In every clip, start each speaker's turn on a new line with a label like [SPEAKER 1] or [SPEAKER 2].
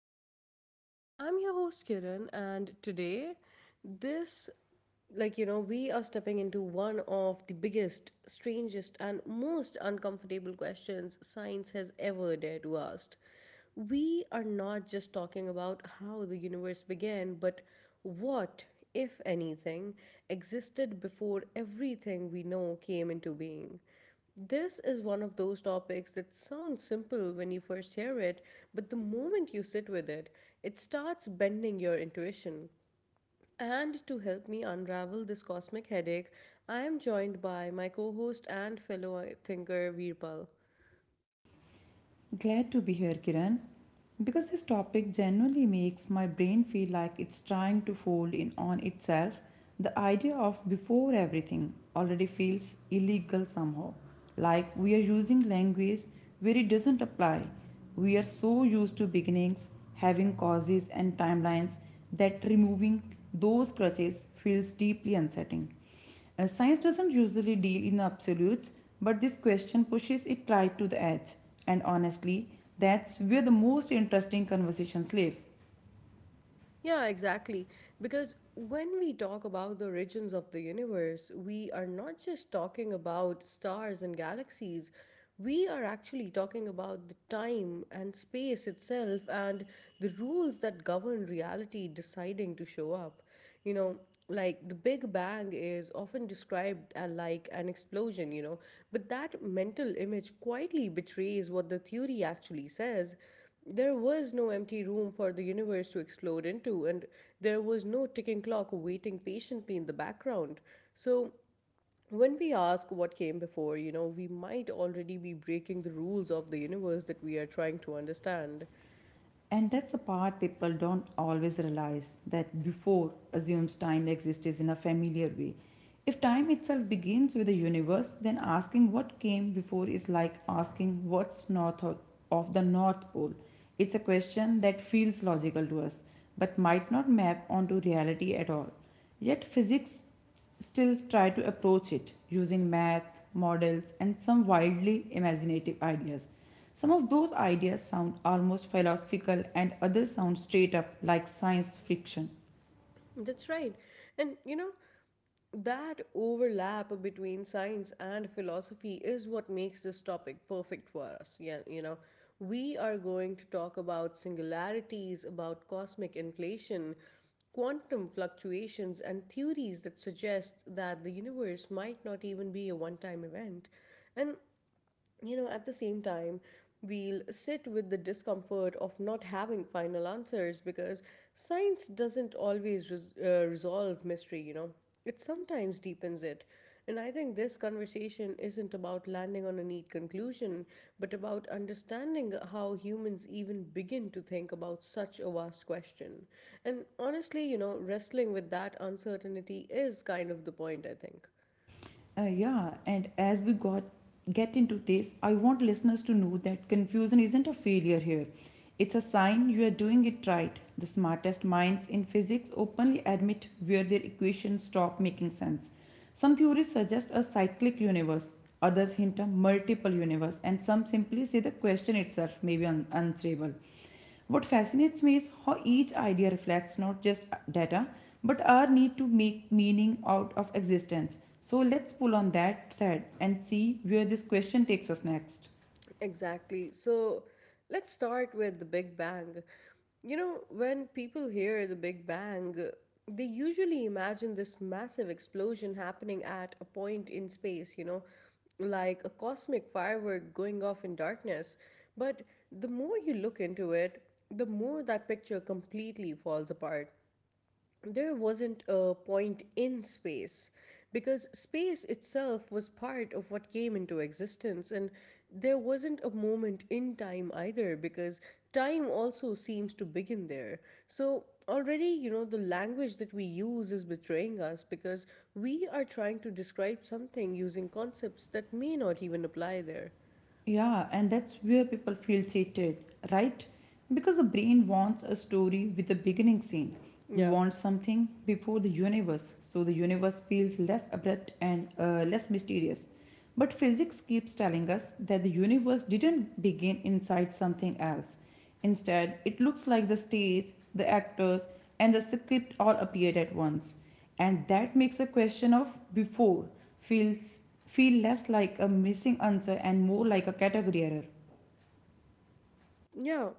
[SPEAKER 1] Mind Pod. I'm your host Kiran, and today, this, like you know, we are stepping into one of the biggest, strangest, and most uncomfortable questions science has ever dared to ask. We are not just talking about how the universe began, but what, if anything, existed before everything we know came into being. This is one of those topics that sounds simple when you first hear it, but the moment you sit with it, it starts bending your intuition. And to help me unravel this cosmic headache, I am joined by my co host and fellow thinker Veerpal.
[SPEAKER 2] Glad to be here, Kiran, because this topic generally makes my brain feel like it's trying to fold in on itself. The idea of before everything already feels illegal somehow. Like we are using language where it doesn't apply. We are so used to beginnings, having causes and timelines that removing those crutches feels deeply unsettling. Science doesn't usually deal in absolutes, but this question pushes it right to the edge. And honestly, that's where the most interesting conversations live.
[SPEAKER 1] Yeah, exactly. Because when we talk about the origins of the universe, we are not just talking about stars and galaxies. We are actually talking about the time and space itself and the rules that govern reality deciding to show up you know like the big bang is often described as like an explosion, but that mental image quietly betrays what the theory actually says. There was no empty room for the universe to explode into, and there was no ticking clock waiting patiently in the background. So, when we ask what came before, we might already be breaking the rules of the universe that we are trying to understand.
[SPEAKER 2] And that's a part people don't always realize that before assumes time exists in a familiar way. If time itself begins with the universe, then asking what came before is like asking what's north of the North Pole. It's a question that feels logical to us, but might not map onto reality at all. Yet physics still try to approach it using math, models, and some wildly imaginative ideas. Some of those ideas sound almost philosophical, and others sound straight up like science fiction.
[SPEAKER 1] That's right. And you know, That overlap between science and philosophy is what makes this topic perfect for us. Yeah, we are going to talk about singularities, about cosmic inflation, quantum fluctuations, and theories that suggest that the universe might not even be a one time event. And at the same time, we'll sit with the discomfort of not having final answers because science doesn't always resolve mystery, it sometimes deepens it. And I think this conversation isn't about landing on a neat conclusion, but about understanding how humans even begin to think about such a vast question. And honestly, wrestling with that uncertainty is kind of the point, I think.
[SPEAKER 2] Yeah, and as we got get into this, I want listeners to know that confusion isn't a failure here. It's a sign you are doing it right. The smartest minds in physics openly admit where their equations stop making sense. Some theories suggest a cyclic universe, others hint a multiple universe, and some simply say the question itself may be unanswerable. What fascinates me is how each idea reflects not just data, but our need to make meaning out of existence. So let's pull on that thread and see where this question takes us next.
[SPEAKER 1] Exactly. So let's start with the Big Bang. You know, when people hear the Big Bang, they usually imagine this massive explosion happening at a point in space, like a cosmic firework going off in darkness. But the more you look into it, the more that picture completely falls apart. There wasn't a point in space because space itself was part of what came into existence, and there wasn't a moment in time either because time also seems to begin there. So already, the language that we use is betraying us because we are trying to describe something using concepts that may not even apply there.
[SPEAKER 2] Yeah, and that's where people feel cheated, right? Because the brain wants a story with a beginning scene. We
[SPEAKER 1] Yeah.
[SPEAKER 2] want something before the universe, so the universe feels less abrupt and less mysterious. But physics keeps telling us that the universe didn't begin inside something else. Instead, it looks like the stage, the actors, and the script all appeared at once. And that makes a question of before feels feel less like a missing answer and more like a category error.
[SPEAKER 1] Yeah.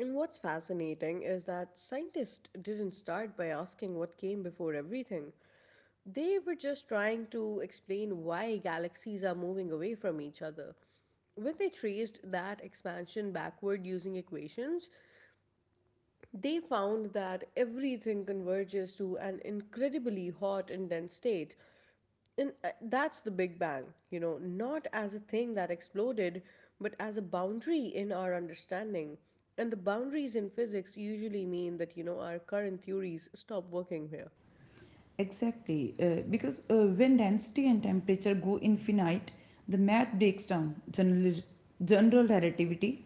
[SPEAKER 1] And what's fascinating is that scientists didn't start by asking what came before everything. They were just trying to explain why galaxies are moving away from each other. When they traced that expansion backward using equations, they found that everything converges to an incredibly hot and dense state. And that's the Big Bang, not as a thing that exploded, but as a boundary in our understanding. And the boundaries in physics usually mean that, our current theories stop working here.
[SPEAKER 2] Exactly, because when density and temperature go infinite, the math breaks down general relativity,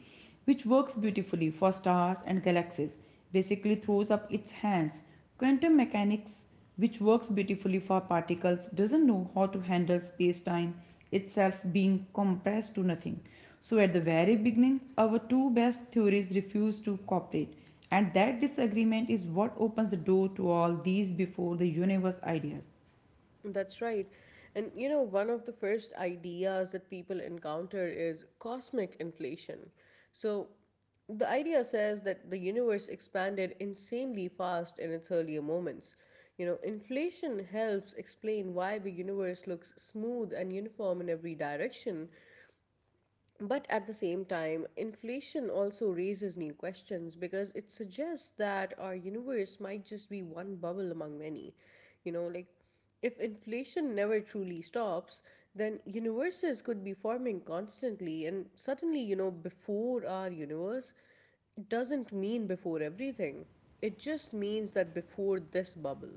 [SPEAKER 2] which works beautifully for stars and galaxies, basically throws up its hands. Quantum mechanics, which works beautifully for particles, doesn't know how to handle space time itself being compressed to nothing. So, at the very beginning, our two best theories refuse to cooperate. And that disagreement is what opens the door to all these before the universe ideas.
[SPEAKER 1] That's right. And one of the first ideas that people encounter is cosmic inflation. So, the idea says that the universe expanded insanely fast in its earlier moments. You know, inflation helps explain why the universe looks smooth and uniform in every direction, but at the same time, inflation also raises new questions because it suggests that our universe might just be one bubble among many. Like, if inflation never truly stops, then universes could be forming constantly, and suddenly, before our universe doesn't mean before everything. It just means that before this bubble.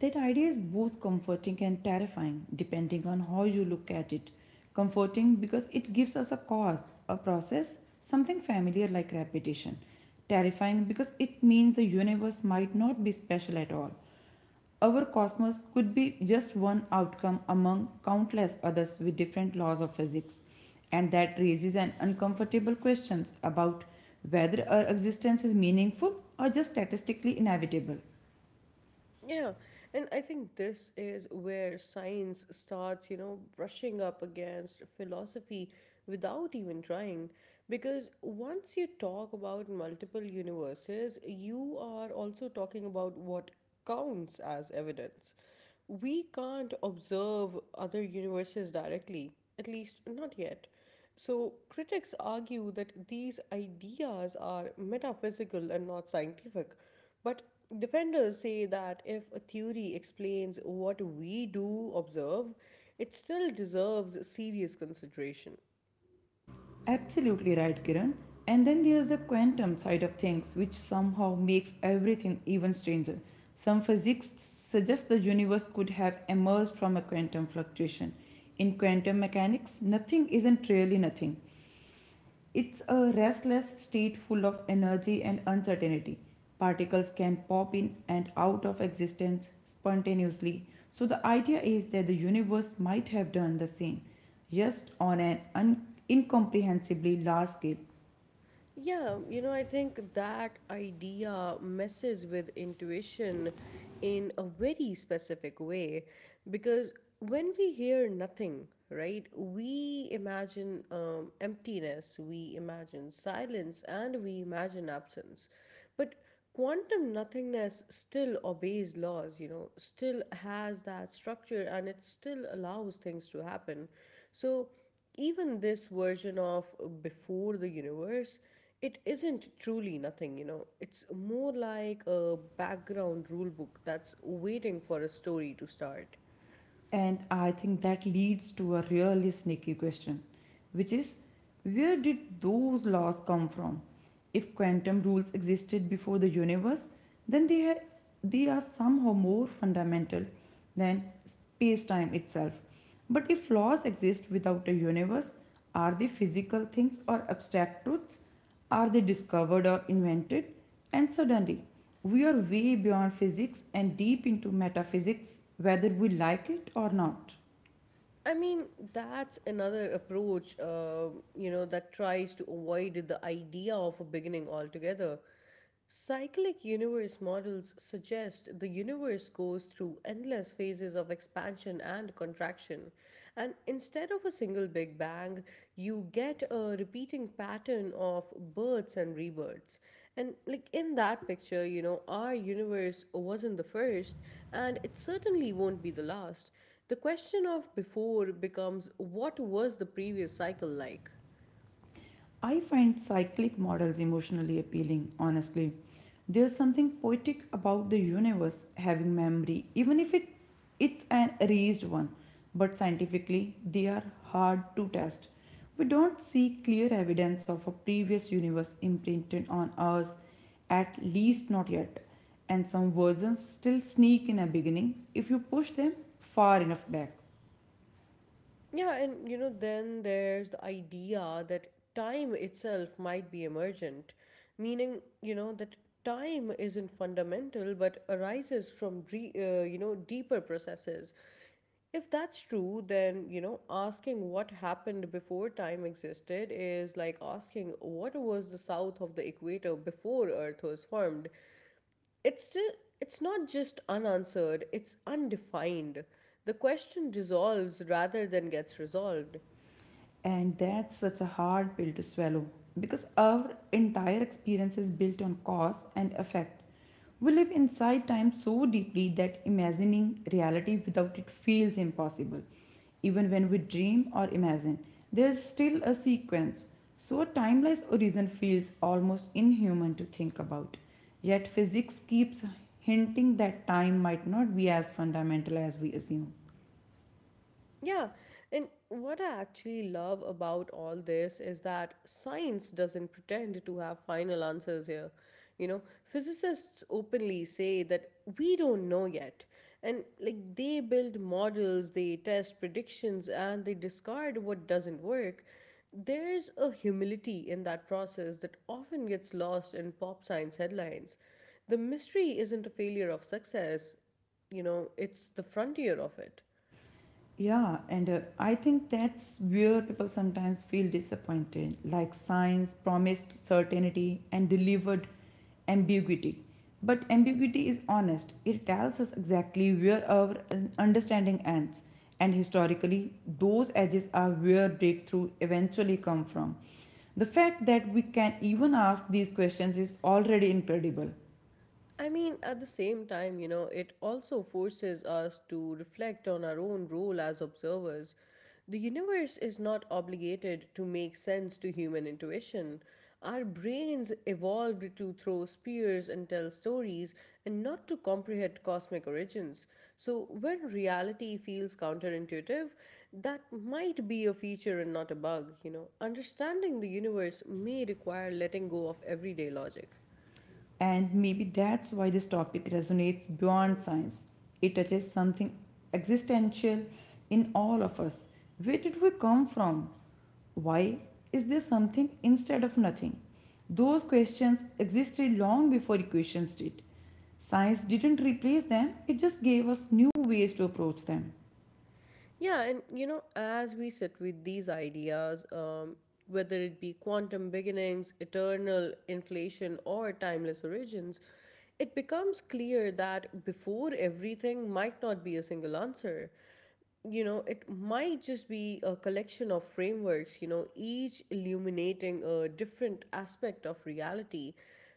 [SPEAKER 2] That idea is both comforting and terrifying, depending on how you look at it. Comforting because it gives us a cause, a process, something familiar like repetition. Terrifying because it means the universe might not be special at all. Our cosmos could be just one outcome among countless others with different laws of physics, and that raises an uncomfortable questions about whether our existence is meaningful or just statistically inevitable.
[SPEAKER 1] Yeah, and I think this is where science starts, brushing up against philosophy without even trying. Because once you talk about multiple universes, you are also talking about what counts as evidence. We can't observe other universes directly, at least not yet. So, critics argue that these ideas are metaphysical and not scientific. But defenders say that if a theory explains what we do observe, it still deserves serious consideration.
[SPEAKER 2] Absolutely right, Kiran. And then there's the quantum side of things, which somehow makes everything even stranger. Some physics suggest the universe could have emerged from a quantum fluctuation. In quantum mechanics, nothing isn't really nothing. It's a restless state full of energy and uncertainty. Particles can pop in and out of existence spontaneously. So, the idea is that the universe might have done the same just on an incomprehensibly large scale.
[SPEAKER 1] Yeah, I think that idea messes with intuition in a very specific way because when we hear nothing, right, we imagine emptiness, we imagine silence, and we imagine absence. But quantum nothingness still obeys laws, still has that structure and it still allows things to happen. So, even this version of before the universe it isn't truly nothing, It's more like a background rule book that's waiting for a story to start.
[SPEAKER 2] And I think that leads to a really sneaky question, which is where did those laws come from? If quantum rules existed before the universe, then they are somehow more fundamental than space time itself. But if laws exist without a universe, are they physical things or abstract truths? Are they discovered or invented? And suddenly, we are way beyond physics and deep into metaphysics, whether we like it or not.
[SPEAKER 1] I mean, that's another approach, that tries to avoid the idea of a beginning altogether. Cyclic universe models suggest the universe goes through endless phases of expansion and contraction. And instead of a single Big Bang, you get a repeating pattern of births and rebirths. And, like, in that picture, our universe wasn't the first, and it certainly won't be the last. The question of before becomes what was the previous cycle like?
[SPEAKER 2] I find cyclic models emotionally appealing, honestly. There's something poetic about the universe having memory, even if it's an erased one. But scientifically, they are hard to test. We don't see clear evidence of a previous universe imprinted on us, at least not yet. And some versions still sneak in a beginning if you push them far enough back.
[SPEAKER 1] Yeah, and then there's the idea that time itself might be emergent, meaning, that time isn't fundamental but arises from, deeper processes. If that's true, then, asking what happened before time existed is like asking what was the south of the equator before Earth was formed. It's still, it's not just unanswered, it's undefined. The question dissolves rather than gets resolved.
[SPEAKER 2] And that's such a hard pill to swallow because our entire experience is built on cause and effect. We live inside time so deeply that imagining reality without it feels impossible. Even when we dream or imagine, there is still a sequence. So, a timeless origin feels almost inhuman to think about. Yet, physics keeps hinting that time might not be as fundamental as we assume.
[SPEAKER 1] Yeah, and what I actually love about all this is that science doesn't pretend to have final answers here. You know, physicists openly say that we don't know yet. And like they build models, they test predictions, and they discard what doesn't work. There's a humility in that process that often gets lost in pop science headlines. The mystery isn't a failure of success, it's the frontier of it.
[SPEAKER 2] Yeah, and I think that's where people sometimes feel disappointed. Like science promised certainty and delivered ambiguity. But ambiguity is honest, it tells us exactly where our understanding ends. And historically, those edges are where breakthrough eventually come from. The fact that we can even ask these questions is already incredible.
[SPEAKER 1] I mean, at the same time, it also forces us to reflect on our own role as observers. The universe is not obligated to make sense to human intuition. Our brains evolved to throw spears and tell stories and not to comprehend cosmic origins. So, when reality feels counterintuitive, that might be a feature and not a bug, Understanding the universe may require letting go of everyday logic.
[SPEAKER 2] And maybe that's why this topic resonates beyond science. It touches something existential in all of us. Where did we come from? Why is there something instead of nothing? Those questions existed long before equations did. Science didn't replace them, it just gave us new ways to approach them.
[SPEAKER 1] Yeah, and as we sit with these ideas, whether it be quantum beginnings, eternal inflation, or timeless origins, it becomes clear that before everything might not be a single answer. It might just be a collection of frameworks, each illuminating a different aspect of reality.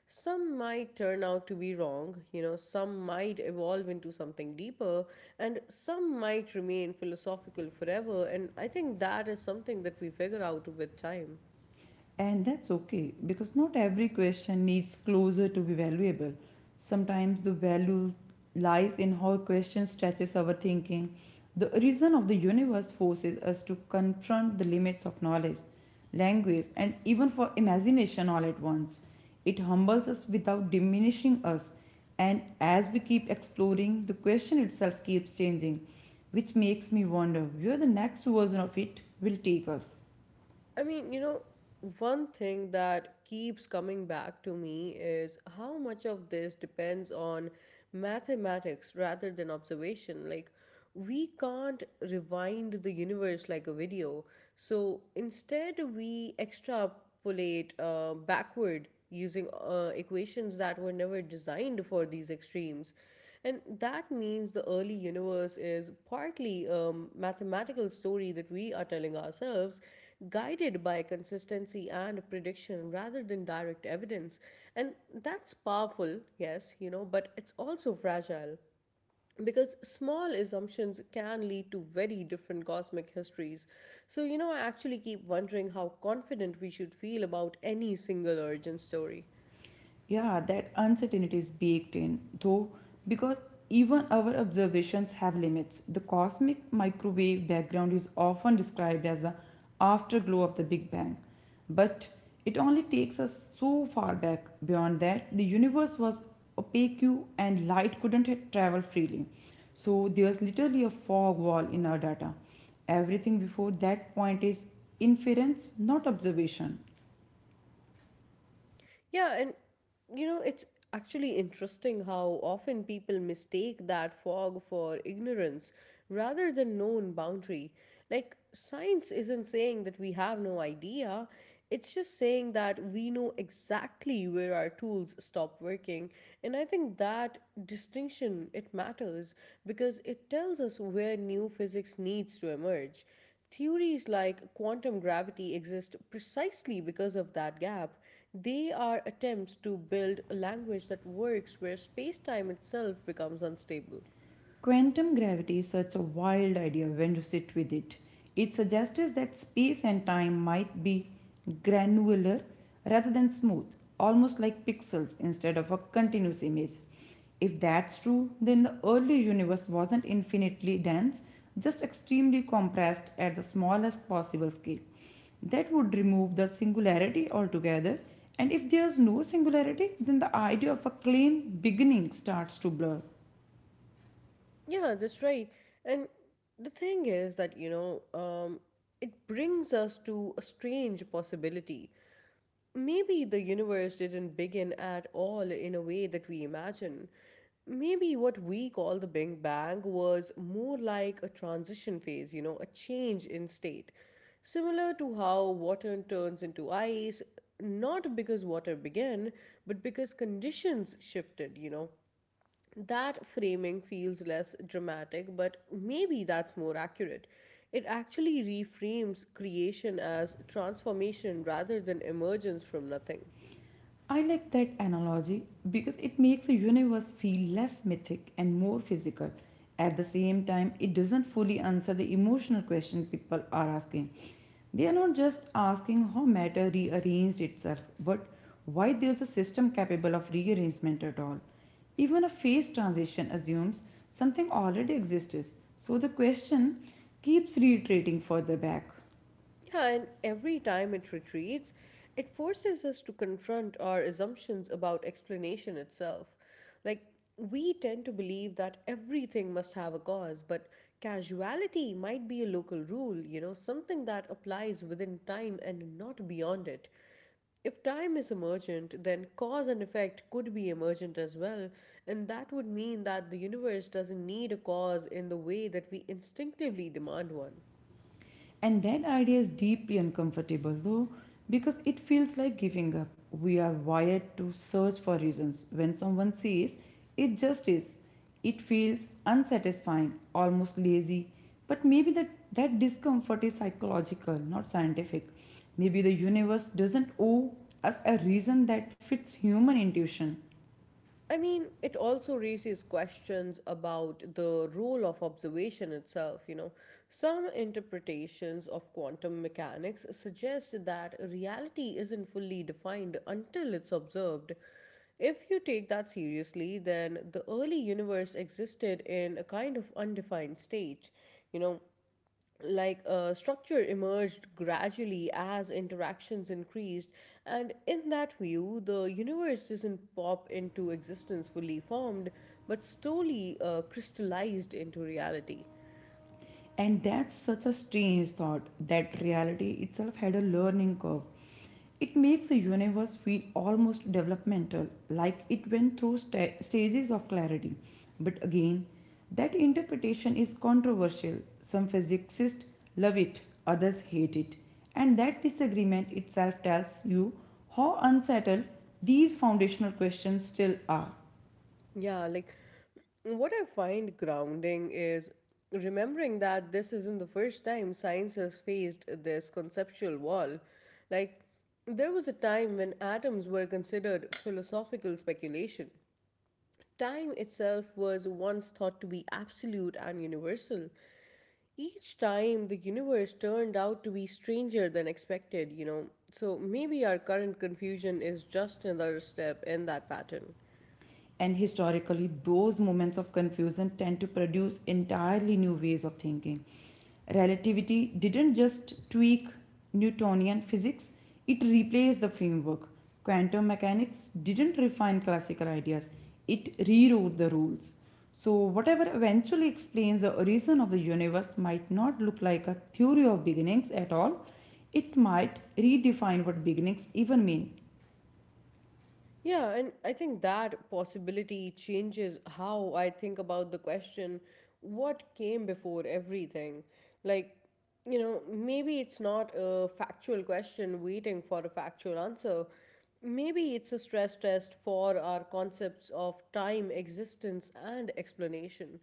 [SPEAKER 1] Some might turn out to be wrong, some might evolve into something deeper, and some might remain philosophical forever. And I think that is something that we figure out with time.
[SPEAKER 2] And that's okay because not every question needs closure to be valuable. Sometimes the value lies in how a question stretches our thinking. The reason of the universe forces us to confront the limits of knowledge, language, and even for imagination all at once. It humbles us without diminishing us, and as we keep exploring, the question itself keeps changing, which makes me wonder where the next version of it will take us.
[SPEAKER 1] I mean, one thing that keeps coming back to me is how much of this depends on mathematics rather than observation. Like, we can't rewind the universe like a video. So instead, we extrapolate backward using equations that were never designed for these extremes. And that means the early universe is partly a mathematical story that we are telling ourselves, guided by consistency and prediction rather than direct evidence. And that's powerful, yes, but it's also fragile. Because small assumptions can lead to very different cosmic histories. So, I actually keep wondering how confident we should feel about any single origin story.
[SPEAKER 2] Yeah, that uncertainty is baked in, though, because even our observations have limits. The cosmic microwave background is often described as the afterglow of the Big Bang, but it only takes us so far back. Beyond that, the universe was opaque and light couldn't travel freely. So there's literally a fog wall in our data. Everything before that point is inference, not observation.
[SPEAKER 1] Yeah, and it's actually interesting how often people mistake that fog for ignorance rather than known boundary. Like, science isn't saying that we have no idea, it's just saying that we know exactly where our tools stop working. And I think that distinction it matters because it tells us where new physics needs to emerge. Theories like quantum gravity exist precisely because of that gap. They are attempts to build a language that works where space time itself becomes unstable.
[SPEAKER 2] Quantum gravity is such a wild idea when you sit with it. It suggests that space and time might be granular rather than smooth, almost like pixels instead of a continuous image. If that's true, then the early universe wasn't infinitely dense, just extremely compressed at the smallest possible scale. That would remove the singularity altogether, and if there's no singularity, then the idea of a clean beginning starts to blur.
[SPEAKER 1] Yeah, that's right. And the thing is that, it brings us to a strange possibility. Maybe the universe didn't begin at all in a way that we imagine. Maybe what we call the Big Bang was more like a transition phase, a change in state. Similar to how water turns into ice, not because water began, but because conditions shifted, That framing feels less dramatic, but maybe that's more accurate. It actually reframes creation as transformation rather than emergence from nothing.
[SPEAKER 2] I like that analogy because it makes the universe feel less mythic and more physical. At the same time, it doesn't fully answer the emotional question people are asking. They are not just asking how matter rearranged itself, but why there's a system capable of rearrangement at all. Even a phase transition assumes something already exists, so the question keeps reiterating further back.
[SPEAKER 1] Yeah, and every time it retreats, it forces us to confront our assumptions about explanation itself. Like, we tend to believe that everything must have a cause, but causality might be a local rule, something that applies within time and not beyond it. If time is emergent, then cause and effect could be emergent as well, and that would mean that the universe doesn't need a cause in the way that we instinctively demand one.
[SPEAKER 2] And that idea is deeply uncomfortable, though, because it feels like giving up. We are wired to search for reasons. When someone says, it just is, it feels unsatisfying, almost lazy. But maybe that discomfort is psychological, not scientific. Maybe the universe doesn't owe us a reason that fits human intuition.
[SPEAKER 1] I mean, it also raises questions about the role of observation itself. You know, some interpretations of quantum mechanics suggest that reality isn't fully defined until it's observed. If you take that seriously, then the early universe existed in a kind of undefined state. You know, like structure emerged gradually as interactions increased, and in that view the universe doesn't pop into existence fully formed but slowly crystallized into reality.
[SPEAKER 2] And that's such a strange thought that reality itself had a learning curve. It makes the universe feel almost developmental, like it went through stages of clarity. But again, that interpretation is controversial. Some physicists love it, others hate it. And that disagreement itself tells you how unsettled these foundational questions still are.
[SPEAKER 1] Yeah, like, what I find grounding is remembering that this isn't the first time science has faced this conceptual wall. Like, there was a time when atoms were considered philosophical speculation. Time itself was once thought to be absolute and universal. Each time, the universe turned out to be stranger than expected, you know. So maybe our current confusion is just another step in that pattern.
[SPEAKER 2] And historically, those moments of confusion tend to produce entirely new ways of thinking. Relativity didn't just tweak Newtonian physics, it replaced the framework. Quantum mechanics didn't refine classical ideas, it rewrote the rules. So, whatever eventually explains the origin of the universe might not look like a theory of beginnings at all, it might redefine what beginnings even mean.
[SPEAKER 1] Yeah, and I think that possibility changes how I think about the question: what came before everything? Like, you know, maybe it's not a factual question waiting for a factual answer. Maybe it's a stress test for our concepts of time, existence, and explanation.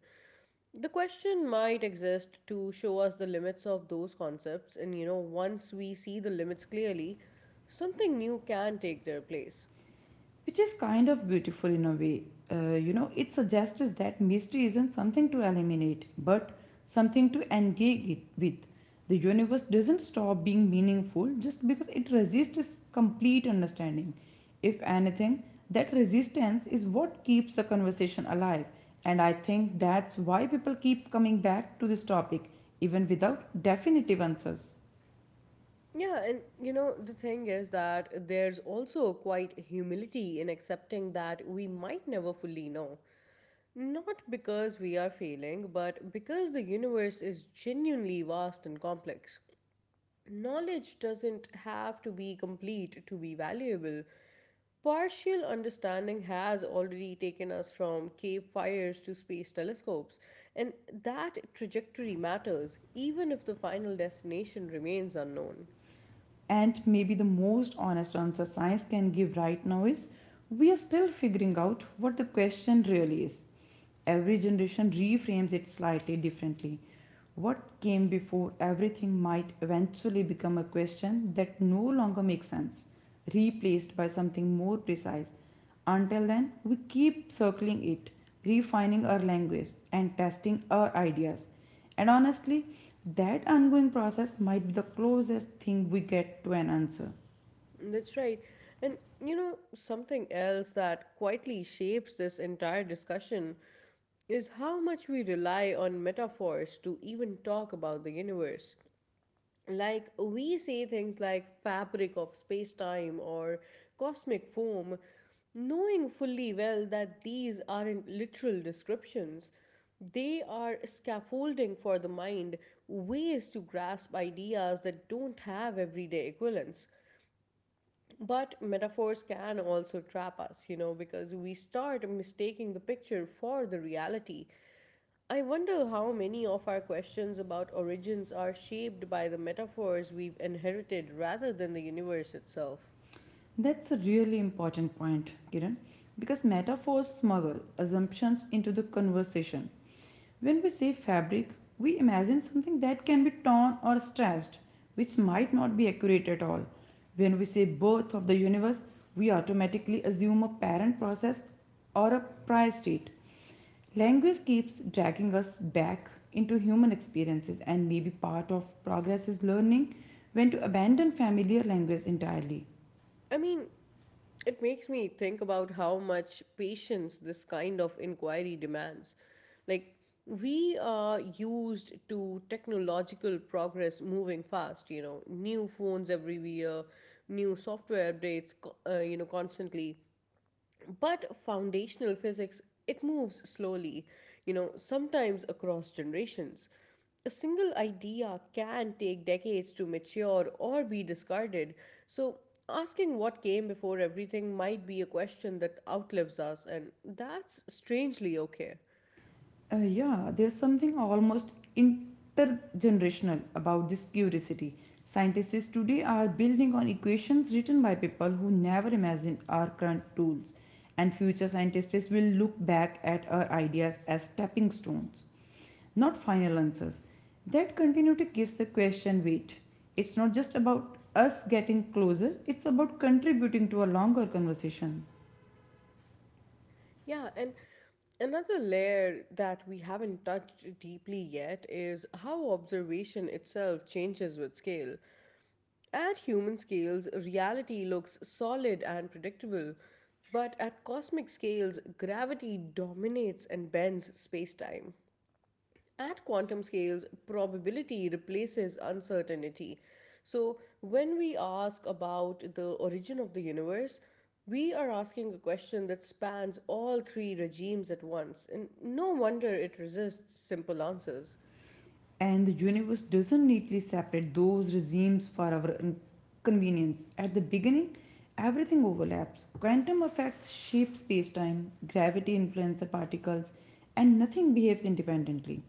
[SPEAKER 1] The question might exist to show us the limits of those concepts, and you know, once we see the limits clearly, something new can take their place.
[SPEAKER 2] Which is kind of beautiful in a way. It suggests us that mystery isn't something to eliminate, but something to engage it with. The universe doesn't stop being meaningful just because it resists complete understanding. If anything, that resistance is what keeps the conversation alive, and I think that's why people keep coming back to this topic, even without definitive answers.
[SPEAKER 1] Yeah, and you know, the thing is that there's also quite humility in accepting that we might never fully know. Not because we are failing, but because the universe is genuinely vast and complex. Knowledge doesn't have to be complete to be valuable. Partial understanding has already taken us from cave fires to space telescopes, and that trajectory matters, even if the final destination remains unknown.
[SPEAKER 2] And maybe the most honest answer science can give right now is we are still figuring out what the question really is. Every generation reframes it slightly differently. What came before everything might eventually become a question that no longer makes sense, replaced by something more precise until then, we keep circling it, refining our language, and testing our ideas. And honestly, that ongoing process might be the closest thing we get to an answer.
[SPEAKER 1] That's right. And you know, something else that quietly shapes this entire discussion is how much we rely on metaphors to even talk about the universe. Like, we say things like fabric of space time or cosmic foam, knowing fully well that these aren't literal descriptions. They are scaffolding for the mind, ways to grasp ideas that don't have everyday equivalents. But metaphors can also trap us, you know, because we start mistaking the picture for the reality. I wonder how many of our questions about origins are shaped by the metaphors we've inherited rather than the universe itself.
[SPEAKER 2] That's a really important point, Kiran, because metaphors smuggle assumptions into the conversation. When we say fabric, we imagine something that can be torn or stretched, which might not be accurate at all. When we say birth of the universe, we automatically assume a parent process or a prior state. Language keeps dragging us back into human experiences, and maybe part of progress is learning when to abandon familiar language entirely.
[SPEAKER 1] I mean, it makes me think about how much patience this kind of inquiry demands. Like, we are used to technological progress moving fast, you know, new phones every year, new software updates, you know, constantly. But foundational physics, it moves slowly, you know, sometimes across generations. A single idea can take decades to mature or be discarded. So, asking what came before everything might be a question that outlives us, and that's strangely okay.
[SPEAKER 2] Yeah, there's something almost intergenerational about this curiosity. Scientists today are building on equations written by people who never imagined our current tools, and future scientists will look back at our ideas as stepping stones, not final answers. That continuity gives the question weight. It's not just about us getting closer, it's about contributing to a longer conversation.
[SPEAKER 1] Yeah, and another layer that we haven't touched deeply yet is how observation itself changes with scale. At human scales, reality looks solid and predictable, but at cosmic scales, gravity dominates and bends spacetime. At quantum scales, probability replaces uncertainty. So, when we ask about the origin of the universe, we are asking a question that spans all three regimes at once, and no wonder it resists simple answers.
[SPEAKER 2] And the universe doesn't neatly separate those regimes for our convenience. At the beginning, everything overlaps. Quantum effects shape space time, gravity influences particles, and nothing behaves independently.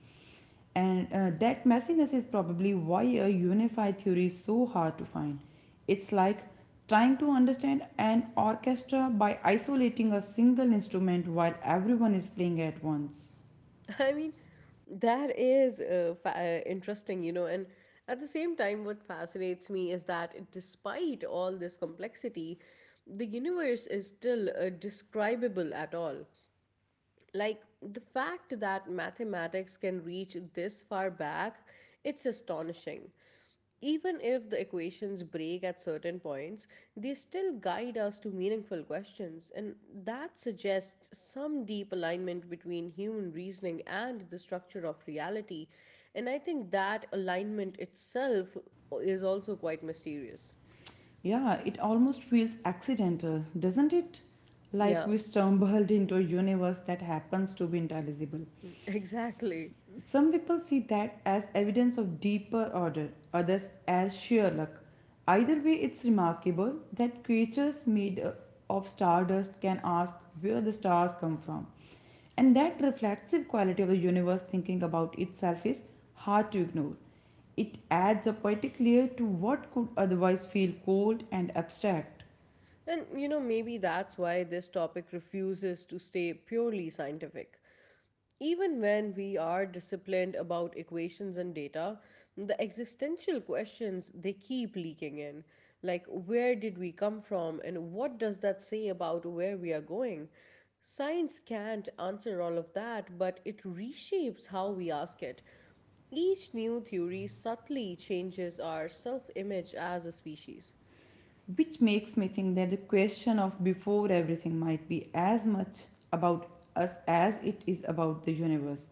[SPEAKER 2] And that messiness is probably why a unified theory is so hard to find. It's like trying to understand an orchestra by isolating a single instrument while everyone is playing at once.
[SPEAKER 1] I mean, that is interesting, you know, and at the same time, what fascinates me is that despite all this complexity, the universe is still describable at all. Like the fact that mathematics can reach this far back, it's astonishing. Even if the equations break at certain points, they still guide us to meaningful questions, and that suggests some deep alignment between human reasoning and the structure of reality. And I think that alignment itself is also quite mysterious.
[SPEAKER 2] Yeah, it almost feels accidental, doesn't it? Like
[SPEAKER 1] Yeah,
[SPEAKER 2] we stumbled into a universe that happens to be intelligible.
[SPEAKER 1] exactly.
[SPEAKER 2] Some people see that as evidence of deeper order, others as sheer luck. Either way, it's remarkable that creatures made of stardust can ask where the stars come from. And that reflexive quality of the universe thinking about itself is hard to ignore. It adds a poetic layer to what could otherwise feel cold and abstract.
[SPEAKER 1] And you know, maybe that's why this topic refuses to stay purely scientific. Even when we are disciplined about equations and data, the existential questions they keep leaking in. Like, where did we come from, and what does that say about where we are going? Science can't answer all of that, but it reshapes how we ask it. Each new theory subtly changes our self image as a species.
[SPEAKER 2] Which makes me think that the question of before everything might be as much about us as it is about the universe.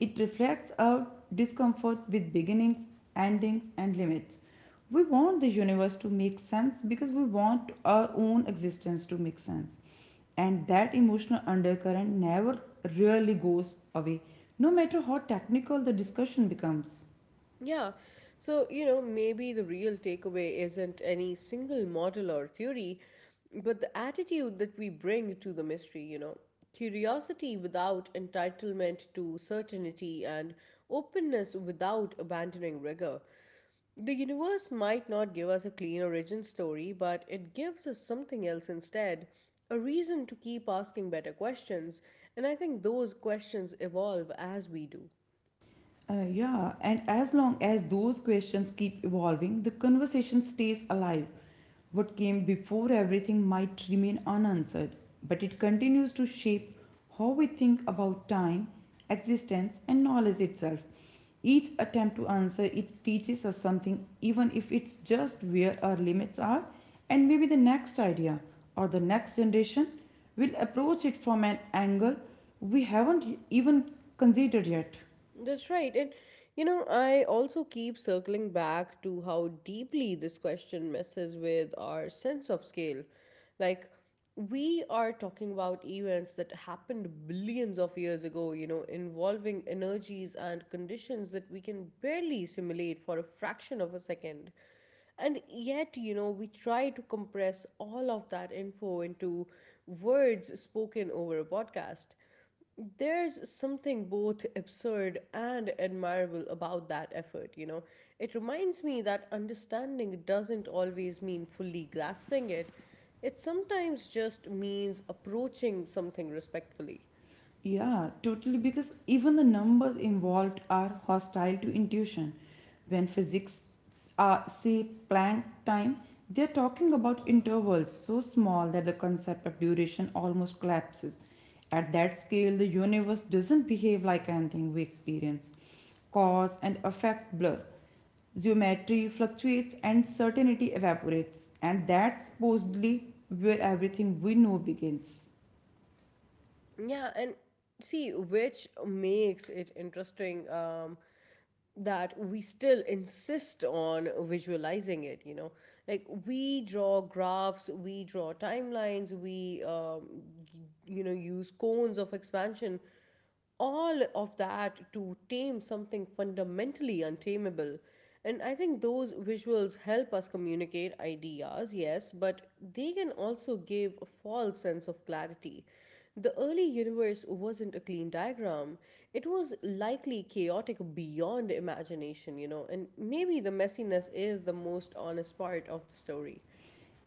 [SPEAKER 2] It reflects our discomfort with beginnings, endings, and limits. We want the universe to make sense because we want our own existence to make sense. And that emotional undercurrent never really goes away, no matter how technical the discussion becomes.
[SPEAKER 1] Yeah. So, you know, maybe the real takeaway isn't any single model or theory, but the attitude that we bring to the mystery, you know, curiosity without entitlement to certainty and openness without abandoning rigor. The universe might not give us a clean origin story, but it gives us something else instead. A reason to keep asking better questions, and I think those questions evolve as we do.
[SPEAKER 2] Yeah, and as long as those questions keep evolving, the conversation stays alive. What came before everything might remain unanswered, but it continues to shape how we think about time, existence, and knowledge itself. Each attempt to answer it teaches us something, even if it's just where our limits are, and maybe the next idea or the next generation will approach it from an angle we haven't even considered yet.
[SPEAKER 1] That's right. And you know, I also keep circling back to how deeply this question messes with our sense of scale. Like, we are talking about events that happened billions of years ago, you know, involving energies and conditions that we can barely simulate for a fraction of a second. And yet, you know, we try to compress all of that info into words spoken over a podcast. There's something both absurd and admirable about that effort, you know. It reminds me that understanding doesn't always mean fully grasping it, it sometimes just means approaching something respectfully.
[SPEAKER 2] Yeah, totally. Because even the numbers involved are hostile to intuition. When physics say Planck time, they're talking about intervals so small that the concept of duration almost collapses. At that scale, the universe doesn't behave like anything we experience. Cause and effect blur. Geometry fluctuates and certainty evaporates. And that's supposedly where everything we know begins.
[SPEAKER 1] Yeah, and see, which makes it interesting that we still insist on visualizing it, you know. Like, we draw graphs, we draw timelines, we, you know, use cones of expansion, all of that to tame something fundamentally untamable. And I think those visuals help us communicate ideas, yes, but they can also give a false sense of clarity. The early universe wasn't a clean diagram. It was likely chaotic beyond imagination, you know, and maybe the messiness is the most honest part of the story.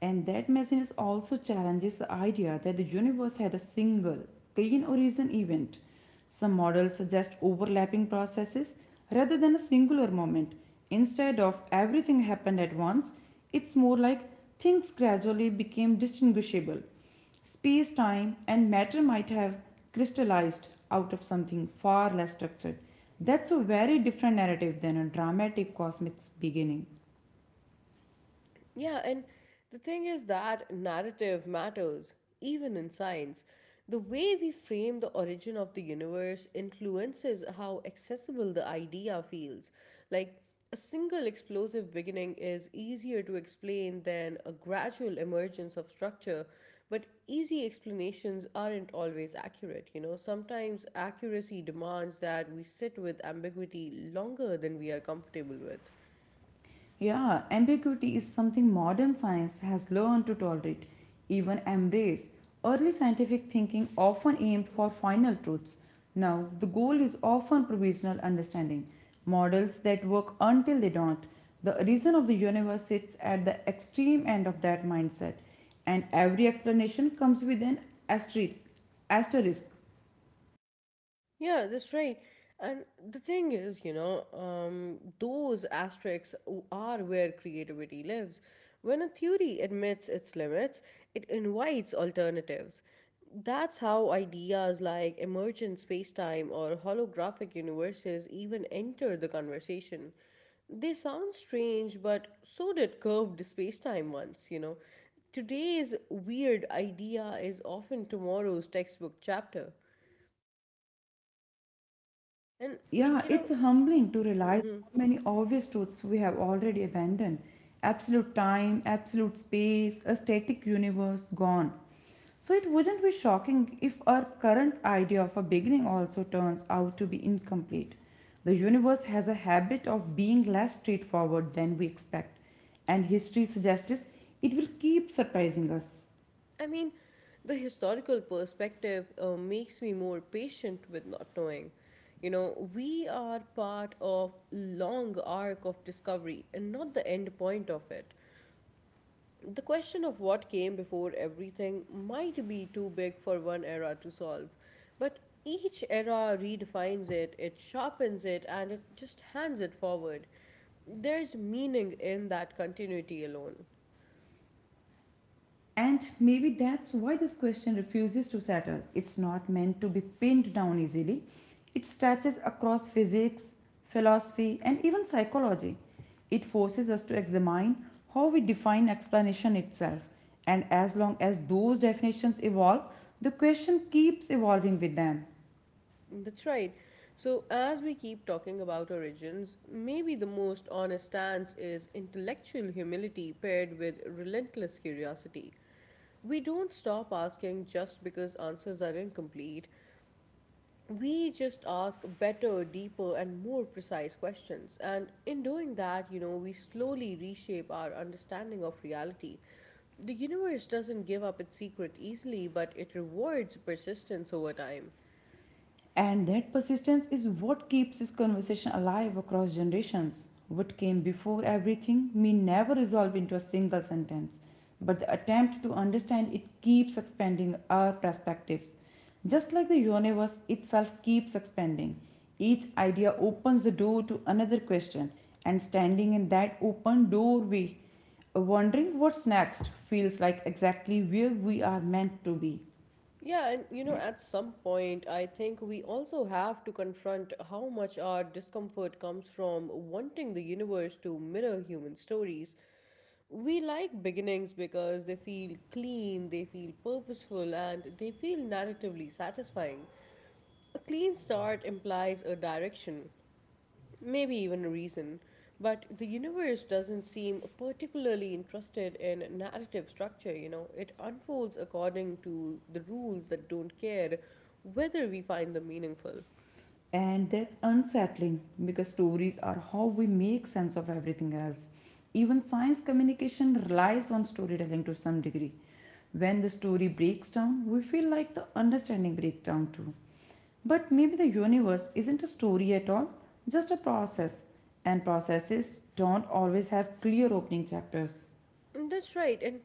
[SPEAKER 2] And that messiness also challenges the idea that the universe had a single, clean origin event. Some models suggest overlapping processes rather than a singular moment. Instead of everything happened at once, it's more like things gradually became distinguishable. Space, time, and matter might have crystallized out of something far less structured. That's a very different narrative than a dramatic cosmic beginning.
[SPEAKER 1] Yeah, and the thing is that narrative matters, even in science. The way we frame the origin of the universe influences how accessible the idea feels. Like, a single explosive beginning is easier to explain than a gradual emergence of structure, but easy explanations aren't always accurate. You know, sometimes accuracy demands that we sit with ambiguity longer than we are comfortable with.
[SPEAKER 2] Yeah, ambiguity is something modern science has learned to tolerate, even embrace. Early scientific thinking often aimed for final truths. Now, the goal is often provisional understanding, models that work until they don't. The reason of the universe sits at the extreme end of that mindset, and every explanation comes with an asterisk. asterisk.
[SPEAKER 1] Yeah, that's right. And the thing is, you know, those are where creativity lives. When a theory admits its limits, it invites alternatives. That's how ideas like emergent spacetime or holographic universes even enter the conversation. They sound strange, but so did curved spacetime once, you know. Today's weird idea is often tomorrow's textbook chapter. And, like,
[SPEAKER 2] Yeah,
[SPEAKER 1] you know,
[SPEAKER 2] it's humbling to realize
[SPEAKER 1] hmm.
[SPEAKER 2] how many obvious truths we have already abandoned. Absolute time, absolute space, a static universe gone. So it wouldn't be shocking if our current idea of a beginning also turns out to be incomplete. The universe has a habit of being less straightforward than we expect, and history suggests it will keep surprising us.
[SPEAKER 1] I mean, the historical perspective makes me more patient with not knowing. You know, we are part of long arc of discovery and not the end point of it. The question of what came before everything might be too big for one era to solve, but each era redefines it, it sharpens it, and it just hands it forward. There's meaning in that continuity alone.
[SPEAKER 2] And maybe that's why this question refuses to settle. It's not meant to be pinned down easily. It stretches across physics, philosophy, and even psychology. It forces us to examine how we define explanation itself. And as long as those definitions evolve, the question keeps evolving with them.
[SPEAKER 1] That's right. So, as we keep talking about origins, maybe the most honest stance is intellectual humility paired with relentless curiosity. We don't stop asking just because answers are incomplete. We just ask better, deeper, and more precise questions. And in doing that, you know, we slowly reshape our understanding of reality. The universe doesn't give up its secret easily, but it rewards persistence over time.
[SPEAKER 2] And that persistence is what keeps this conversation alive across generations. What came before everything may never resolve into a single sentence, but the attempt to understand it keeps expanding our perspectives. Just like the universe itself keeps expanding, each idea opens the door to another question, and standing in that open doorway, wondering what's next, feels like exactly where we are meant to be.
[SPEAKER 1] Yeah, and you know, at some point, I think we also have to confront how much our discomfort comes from wanting the universe to mirror human stories. We like beginnings because they feel clean, they feel purposeful, and they feel narratively satisfying. A clean start implies a direction, maybe even a reason. But the universe doesn't seem particularly interested in narrative structure, you know. It unfolds according to the rules that don't care whether we find them meaningful.
[SPEAKER 2] And that's unsettling because stories are how we make sense of everything else. Even science communication relies on storytelling to some degree. When the story breaks down, we feel like the understanding breaks down too, but maybe the universe isn't a story at all, just a process, and processes don't always have clear opening chapters.
[SPEAKER 1] That's right. And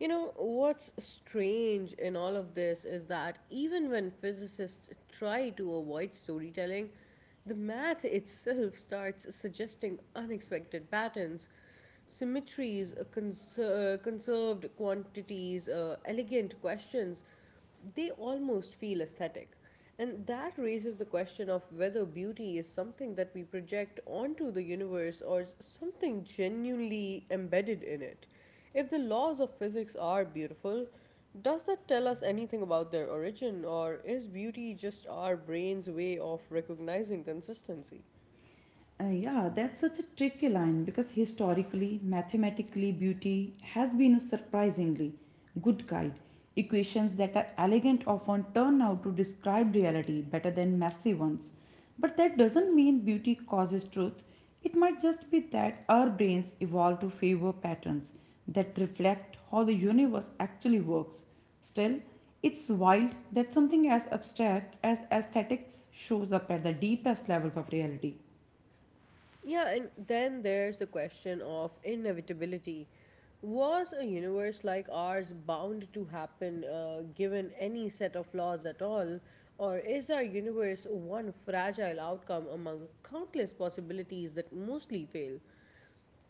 [SPEAKER 1] you know, what's strange in all of this is that even when physicists try to avoid storytelling, the math itself starts suggesting unexpected patterns, symmetries, conserved quantities, elegant questions, they almost feel aesthetic. And that raises the question of whether beauty is something that we project onto the universe or something genuinely embedded in it. If the laws of physics are beautiful, does that tell us anything about their origin, or is beauty just our brain's way of recognizing consistency?
[SPEAKER 2] Yeah, that's such a tricky line because historically, mathematically, beauty has been a surprisingly good guide. Equations that are elegant often turn out to describe reality better than messy ones. But that doesn't mean beauty causes truth. It might just be that our brains evolved to favor patterns that reflect how the universe actually works. Still, it's wild that something as abstract as aesthetics shows up at the deepest levels of reality.
[SPEAKER 1] Yeah, and then there's the question of inevitability. Was a universe like ours bound to happen, given any set of laws at all? Or is our universe one fragile outcome among countless possibilities that mostly fail?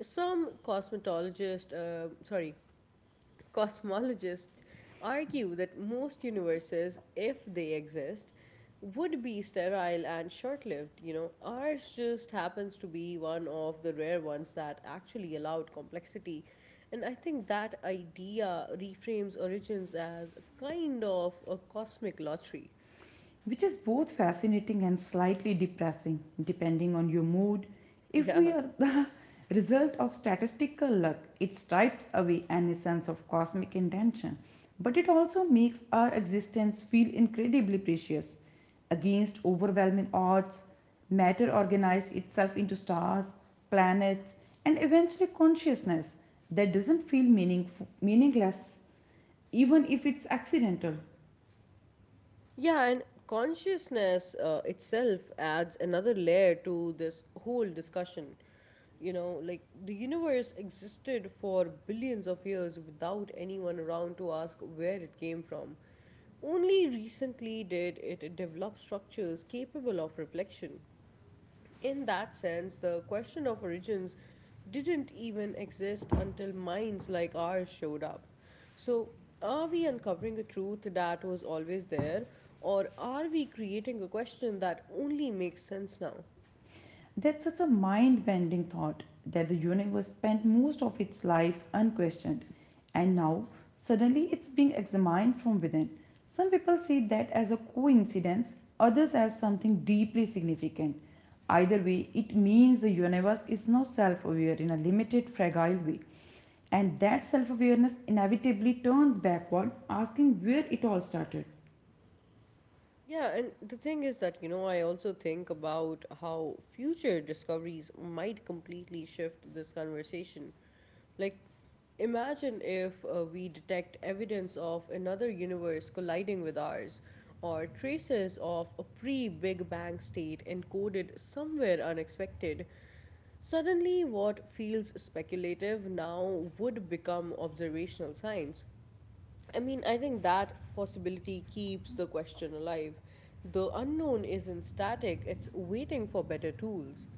[SPEAKER 1] Some cosmetologists, uh, sorry, Cosmologists argue that most universes, if they exist, would be sterile and short lived. You know, ours just happens to be one of the rare ones that actually allowed complexity. And I think that idea reframes origins as a kind of a cosmic lottery.
[SPEAKER 2] Which is both fascinating and slightly depressing depending on your mood. If we
[SPEAKER 1] Yeah.
[SPEAKER 2] are the result of statistical luck, it stripes away any sense of cosmic intention, but it also makes our existence feel incredibly precious. Against overwhelming odds, matter organized itself into stars, planets, and eventually consciousness that doesn't feel meaningful, meaningless even if it's accidental.
[SPEAKER 1] Yeah, and consciousness itself adds another layer to this whole discussion. You know, like the universe existed for billions of years without anyone around to ask where it came from. Only recently did it develop structures capable of reflection. In that sense, the question of origins didn't even exist until minds like ours showed up. So, are we uncovering a truth that was always there, or are we creating a question that only makes sense now?
[SPEAKER 2] That's such a mind bending thought that the universe spent most of its life unquestioned, and now suddenly it's being examined from within. Some people see that as a coincidence, others as something deeply significant. Either way, it means the universe is now self aware in a limited, fragile way, and that self awareness inevitably turns backward, asking where it all started.
[SPEAKER 1] Yeah, and the thing is that, I also think about how future discoveries might completely shift this conversation. Like, imagine if we detect evidence of another universe colliding with ours, or traces of a pre Big Bang state encoded somewhere unexpected. Suddenly, what feels speculative now would become observational science. I mean, I think that possibility keeps the question alive. The unknown isn't static, it's waiting for better tools.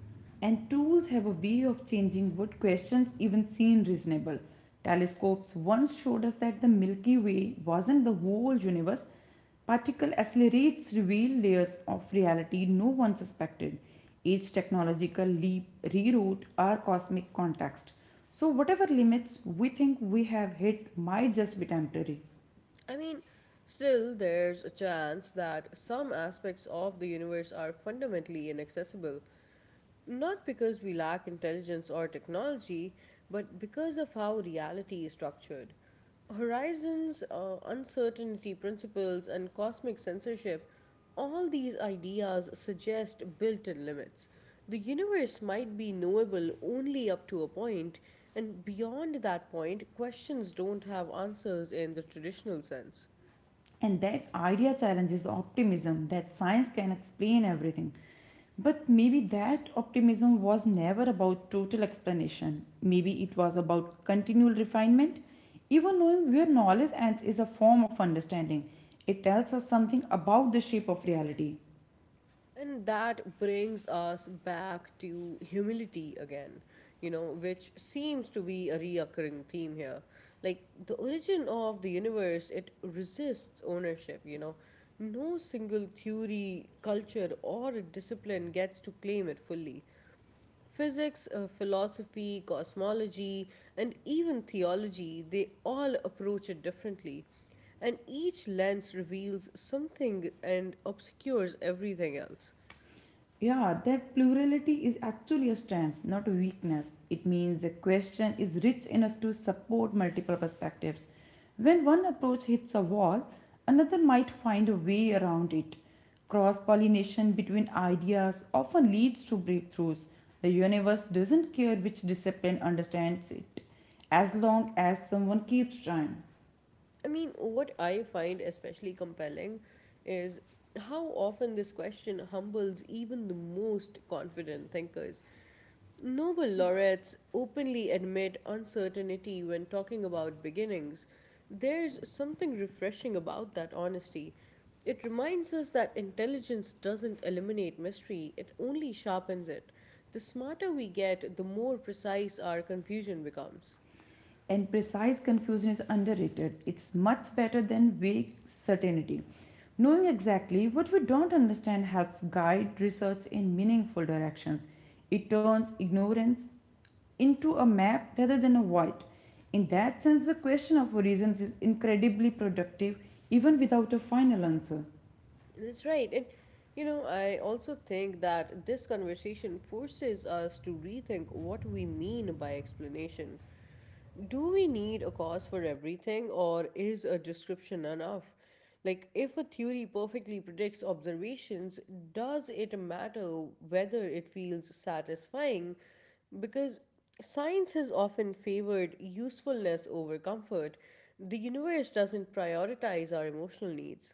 [SPEAKER 2] And tools have a way of changing what questions even seem reasonable. Telescopes once showed us that the Milky Way wasn't the whole universe. Particle accelerates reveal layers of reality no one suspected. Each technological leap rewrote our cosmic context. So, whatever limits we think we have hit might just be temporary.
[SPEAKER 1] I mean, still, there's a chance that some aspects of the universe are fundamentally inaccessible, not because we lack intelligence or technology, but because of how reality is structured. Horizons, uncertainty principles, and cosmic censorship, all these ideas suggest built in limits. The universe might be knowable only up to a point, and beyond that point, questions don't have answers in the traditional sense.
[SPEAKER 2] And that idea challenges the optimism that science can explain everything. But maybe that optimism was never about total explanation. Maybe it was about continual refinement. Even knowing where knowledge ends is a form of understanding. It tells us something about the shape of reality.
[SPEAKER 1] And that brings us back to humility again, you know, which seems to be a reoccurring theme here. Like the origin of the universe, it resists ownership, you know. No single theory, culture, or discipline gets to claim it fully. Physics, philosophy, cosmology, and even theology, they all approach it differently. And each lens reveals something and obscures everything else.
[SPEAKER 2] Yeah, that plurality is actually a strength, not a weakness. It means a question is rich enough to support multiple perspectives. When one approach hits a wall, another might find a way around it. Cross pollination between ideas often leads to breakthroughs. The universe doesn't care which discipline understands it, as long as someone keeps trying.
[SPEAKER 1] I mean, what I find especially compelling is how often this question humbles even the most confident thinkers. Nobel laureates openly admit uncertainty when talking about beginnings. There's something refreshing about that honesty. It reminds us that intelligence doesn't eliminate mystery, it only sharpens it. The smarter we get, the more precise our confusion becomes.
[SPEAKER 2] And precise confusion is underrated. It's much better than vague certainty. Knowing exactly what we don't understand helps guide research in meaningful directions. It turns ignorance into a map rather than a void. In that sense, the question of origins is incredibly productive even without a final answer.
[SPEAKER 1] That's right. And you know, I also think that this conversation forces us to rethink what we mean by explanation. Do we need a cause for everything, or is a description enough? Like, if a theory perfectly predicts observations, does it matter whether it feels satisfying? Because science has often favored usefulness over comfort. The universe doesn't prioritize our emotional needs.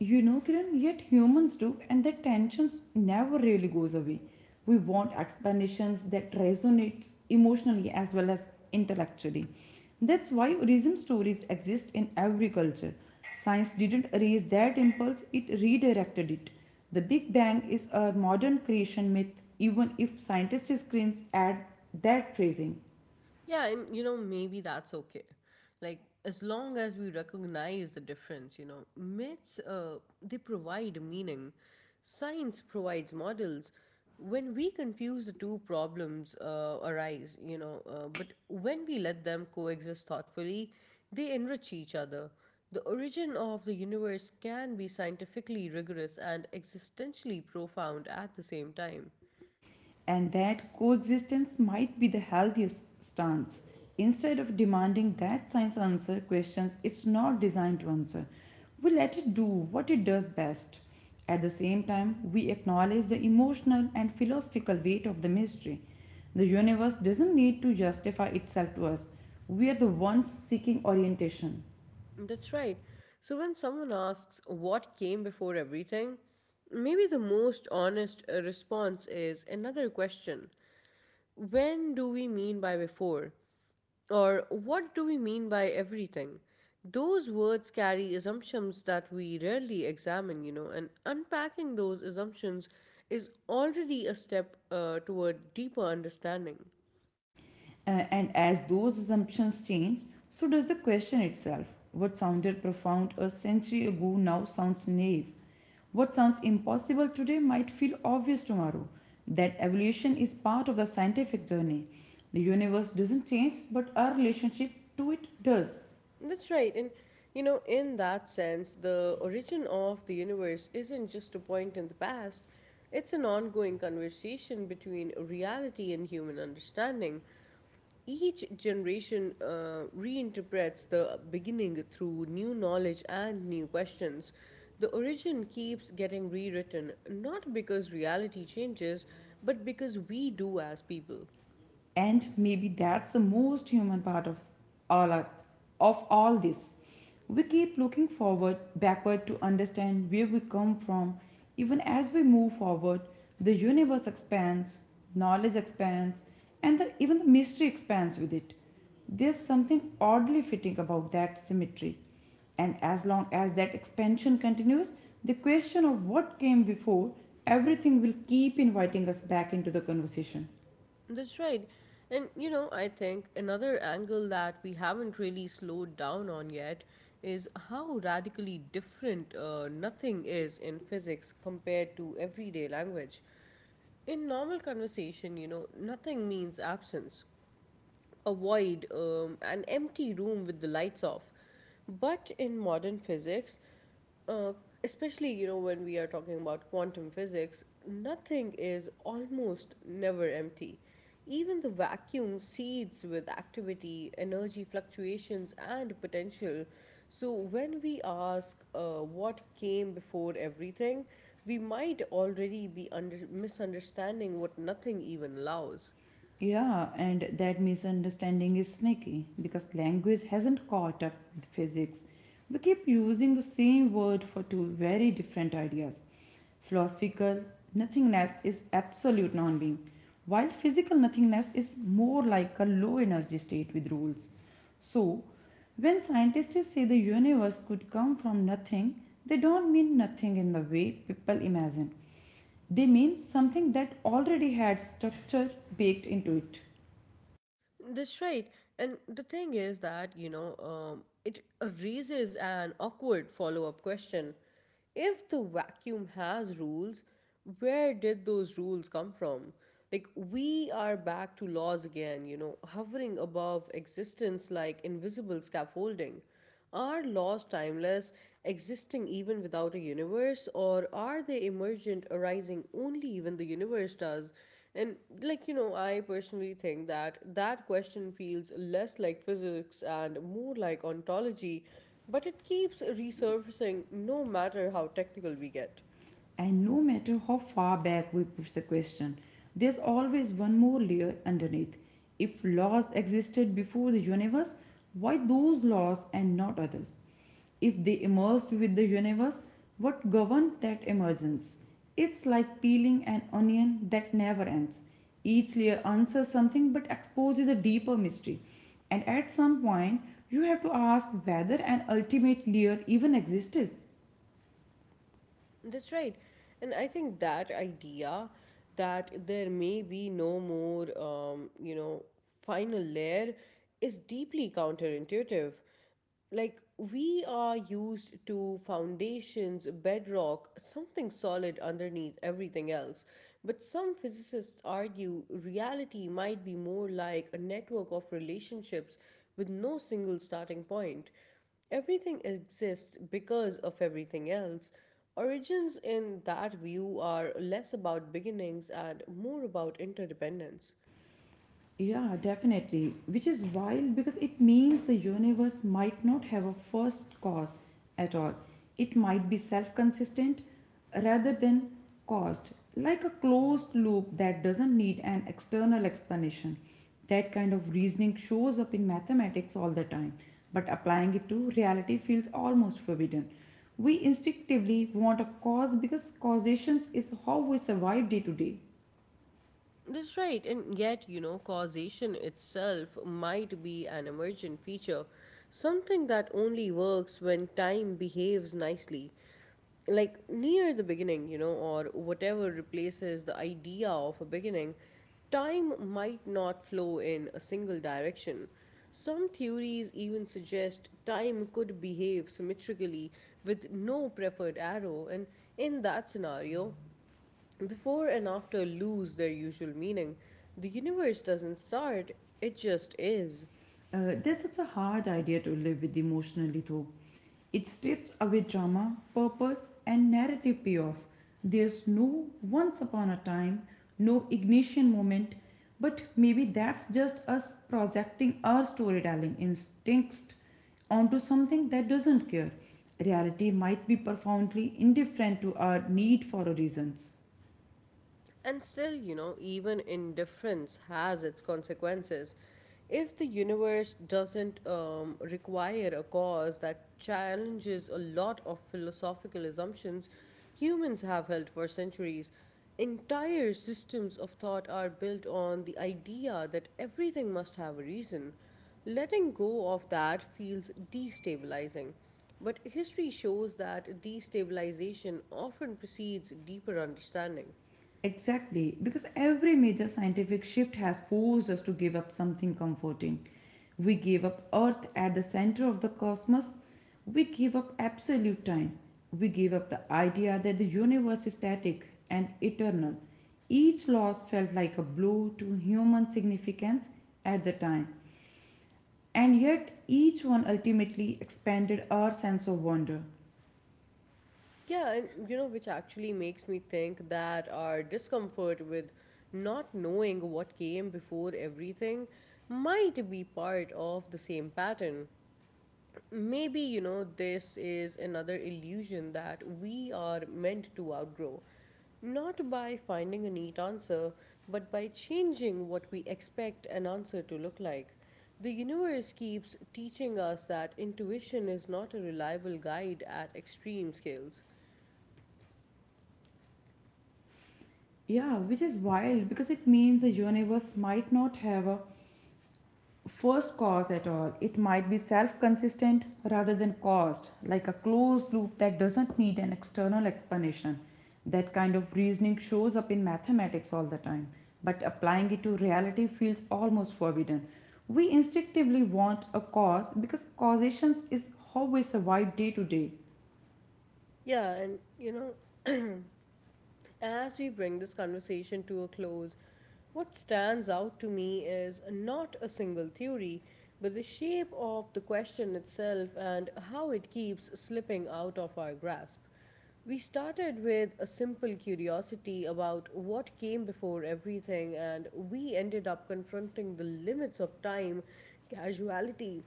[SPEAKER 2] You know, Kiran, yet humans do, and that tensions never really goes away. We want explanations that resonates emotionally as well as intellectually. That's why reason stories exist in every culture. Science didn't erase that impulse, it redirected it. The Big Bang is a modern creation myth, even if scientists screens at that phrasing.
[SPEAKER 1] Yeah, and you know, maybe that's okay. Like, as long as we recognize the difference, you know, myths, they provide meaning, science provides models. When we confuse the two, problems arise, you know, but when we let them coexist thoughtfully, they enrich each other. The origin of the universe can be scientifically rigorous and existentially profound at the same time.
[SPEAKER 2] And that coexistence might be the healthiest stance. Instead of demanding that science answer questions it's not designed to answer, we let it do what it does best. At the same time, we acknowledge the emotional and philosophical weight of the mystery. The universe doesn't need to justify itself to us. We are the ones seeking orientation.
[SPEAKER 1] That's right. So when someone asks what came before everything, maybe the most honest response is another question. When do we mean by before? Or what do we mean by everything? Those words carry assumptions that we rarely examine, you know, and unpacking those assumptions is already a step toward deeper understanding.
[SPEAKER 2] Uh, and as those assumptions change, so does the question itself. What sounded profound a century ago now sounds naive. What sounds impossible today might feel obvious tomorrow. That evolution is part of the scientific journey. The universe doesn't change, but our relationship to it does.
[SPEAKER 1] That's right. And, you know, in that sense, the origin of the universe isn't just a point in the past, it's an ongoing conversation between reality and human understanding. Each generation reinterprets the beginning through new knowledge and new questions. The origin keeps getting rewritten, not because reality changes, but because we do as people.
[SPEAKER 2] And maybe that's the most human part of all our, of all this. We keep looking forward backward to understand where we come from, even as we move forward. The universe expands, knowledge expands, and even the mystery expands with it. There's something oddly fitting about that symmetry, and as long as that expansion continues, the question of what came before everything will keep inviting us back into the conversation.
[SPEAKER 1] That's right. And you know, I think another angle that we haven't really slowed down on yet is how radically different nothing is in physics compared to everyday language. In normal conversation, you know, nothing means absence, avoid an empty room with the lights off. But in modern physics, uh, especially you know when we are talking about quantum physics, nothing is almost never empty. Even the vacuum seethes with activity, energy fluctuations, and potential. So, when we ask what came before everything, we might already be misunderstanding what nothing even allows.
[SPEAKER 2] Yeah, and that misunderstanding is sneaky because language hasn't caught up with physics. We keep using the same word for two very different ideas. Philosophical nothingness is absolute non being, while physical nothingness is more like a low energy state with rules. So, when scientists say the universe could come from nothing, they don't mean nothing in the way people imagine. They mean something that already had structure baked into it.
[SPEAKER 1] That's right. And the thing is that, you know, it raises an awkward follow up question. If the vacuum has rules, where did those rules come from? Like, we are back to laws again, you know, hovering above existence like invisible scaffolding. Are laws timeless, existing even without a universe, or are they emergent, arising only when the universe does? And, like, you know, I personally think that that question feels less like physics and more like ontology, but it keeps resurfacing no matter how technical we get.
[SPEAKER 2] And no matter how far back we push the question, there's always one more layer underneath. If laws existed before the universe, why those laws and not others? If they emerged with the universe, what governed that emergence? It's like peeling an onion that never ends. Each layer answers something but exposes a deeper mystery. And at some point, you have to ask whether an ultimate layer even exists.
[SPEAKER 1] That's right. And I think that idea that there may be no more, final layer is deeply counterintuitive. Like, we are used to foundations, bedrock, something solid underneath everything else. But some physicists argue reality might be more like a network of relationships with no single starting point. Everything exists because of everything else. Origins, in that view, are less about beginnings and more about interdependence.
[SPEAKER 2] Yeah, definitely. Which is wild because it means the universe might not have a first cause at all. It might be self consistent rather than caused, like a closed loop that doesn't need an external explanation. That kind of reasoning shows up in mathematics all the time, but applying it to reality feels almost forbidden. We instinctively want a cause because causation is how we survive day to day.
[SPEAKER 1] That's right, and yet, you know, causation itself might be an emergent feature, something that only works when time behaves nicely. Like near the beginning, you know, or whatever replaces the idea of a beginning, time might not flow in a single direction. Some theories even suggest time could behave symmetrically with no preferred arrow, and in that scenario, before and after lose their usual meaning. The universe doesn't start, it just is.
[SPEAKER 2] That's such a hard idea to live with emotionally, though. It strips away drama, purpose, and narrative payoff. There's no once upon a time, no ignition moment, but maybe that's just us projecting our storytelling instincts onto something that doesn't care. Reality might be profoundly indifferent to our need for reasons.
[SPEAKER 1] And still, you know, even indifference has its consequences. If the universe doesn't require a cause, that challenges a lot of philosophical assumptions humans have held for centuries, entire systems of thought are built on the idea that everything must have a reason. Letting go of that feels destabilizing. But history shows that destabilization often precedes deeper understanding.
[SPEAKER 2] Exactly, because every major scientific shift has forced us to give up something comforting. We gave up Earth at the center of the cosmos. We gave up absolute time. We gave up the idea that the universe is static and eternal. Each loss felt like a blow to human significance at the time, and yet each one ultimately expanded our sense of wonder.
[SPEAKER 1] Yeah, and you know, which actually makes me think that our discomfort with not knowing what came before everything might be part of the same pattern. Maybe, you know, this is another illusion that we are meant to outgrow. Not by finding a neat answer, but by changing what we expect an answer to look like. The universe keeps teaching us that intuition is not a reliable guide at extreme scales.
[SPEAKER 2] Yeah, which is wild because it means the universe might not have a first cause at all. It might be self consistent rather than caused, like a closed loop that doesn't need an external explanation. That kind of reasoning shows up in mathematics all the time, but applying it to reality feels almost forbidden. We instinctively want a cause because causation is how we survive day to day.
[SPEAKER 1] Yeah, and you know, as we bring this conversation to a close, what stands out to me is not a single theory, but the shape of the question itself and how it keeps slipping out of our grasp. We started with a simple curiosity about what came before everything, and we ended up confronting the limits of time, casuality,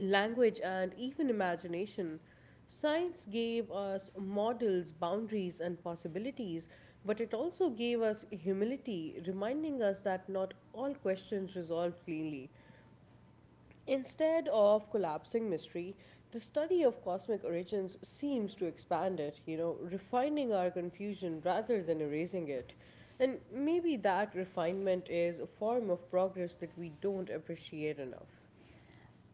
[SPEAKER 1] language, and even imagination. Science gave us models, boundaries, and possibilities, but it also gave us humility, reminding us that not all questions resolve cleanly. Instead of collapsing mystery, the study of cosmic origins seems to expand it, you know, refining our confusion rather than erasing it. And maybe that refinement is a form of progress that we don't appreciate enough.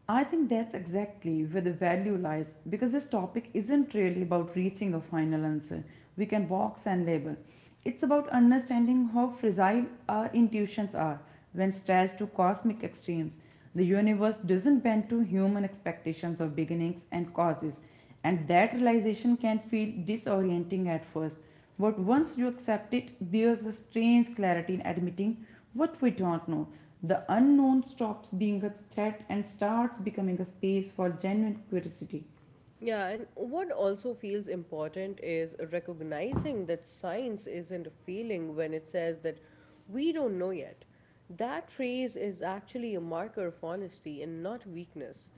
[SPEAKER 2] I think that's exactly where the value lies, because this topic isn't really about reaching a final answer we can box and label. It's about understanding how fragile our intuitions are when stretched to cosmic extremes. The universe doesn't bend to human expectations of beginnings and causes, and that realization can feel disorienting at first. But once you accept it, there's a strange clarity in admitting what we don't know. The unknown stops being a threat and starts becoming a space for genuine curiosity.
[SPEAKER 1] Yeah, and what also feels important is recognizing that science isn't failing when it says that we don't know yet. That phrase is actually a marker of honesty and not weakness.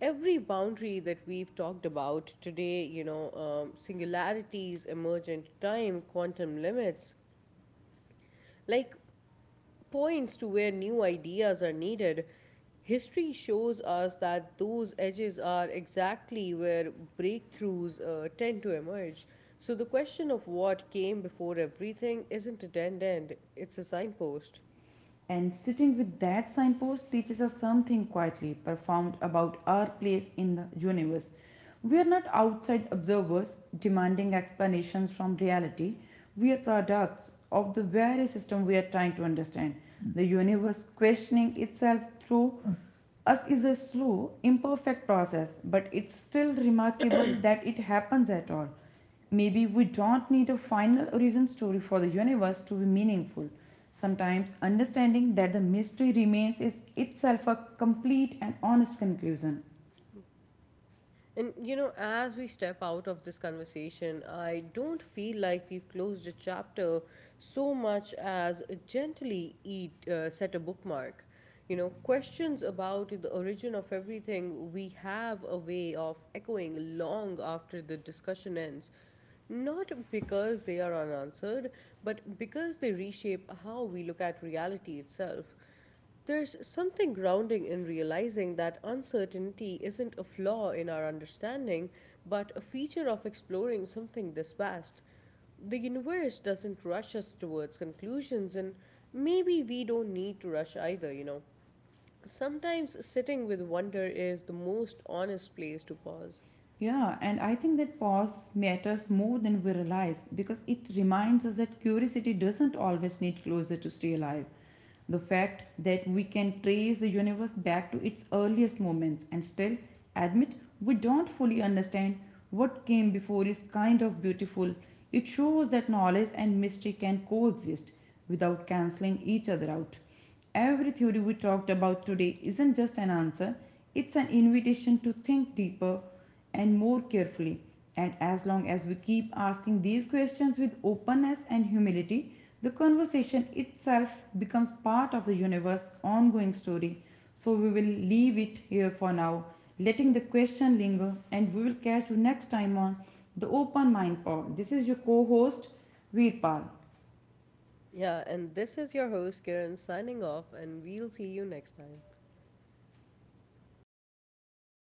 [SPEAKER 1] Every boundary that we've talked about today, you know, singularities, emergent time, quantum limits, like points to where new ideas are needed. History shows us that those edges are exactly where breakthroughs tend to emerge. So the question of what came before everything isn't a dead end, it's a signpost.
[SPEAKER 2] And sitting with that signpost teaches us something quietly profound about our place in the universe. We are not outside observers demanding explanations from reality. We are products of the very system we are trying to understand. The universe questioning itself through us is a slow, imperfect process, but it's still remarkable that it happens at all. Maybe we don't need a final origin story for the universe to be meaningful. Sometimes understanding that the mystery remains is itself a complete and honest conclusion.
[SPEAKER 1] And you know, as we step out of this conversation, I don't feel like we've closed a chapter so much as gently set a bookmark. You know, questions about the origin of everything, we have a way of echoing long after the discussion ends. Not because they are unanswered, but because they reshape how we look at reality itself. There's something grounding in realizing that uncertainty isn't a flaw in our understanding, but a feature of exploring something this vast. The universe doesn't rush us towards conclusions, and maybe we don't need to rush either, you know. Sometimes sitting with wonder is the most honest place to pause.
[SPEAKER 2] Yeah, and I think that pause matters more than we realize, because it reminds us that curiosity doesn't always need closure to stay alive. The fact that we can trace the universe back to its earliest moments and still admit we don't fully understand what came before is kind of beautiful. It shows that knowledge and mystery can coexist without cancelling each other out. Every theory we talked about today isn't just an answer, it's an invitation to think deeper and more carefully. And as long as we keep asking these questions with openness and humility, the conversation itself becomes part of the universe's ongoing story. So we will leave it here for now, letting the question linger, and we will catch you next time on the Open Mind Pod. This is your co host, Veerpal.
[SPEAKER 1] Yeah, and this is your host, Kiran, signing off, and we'll see you next time.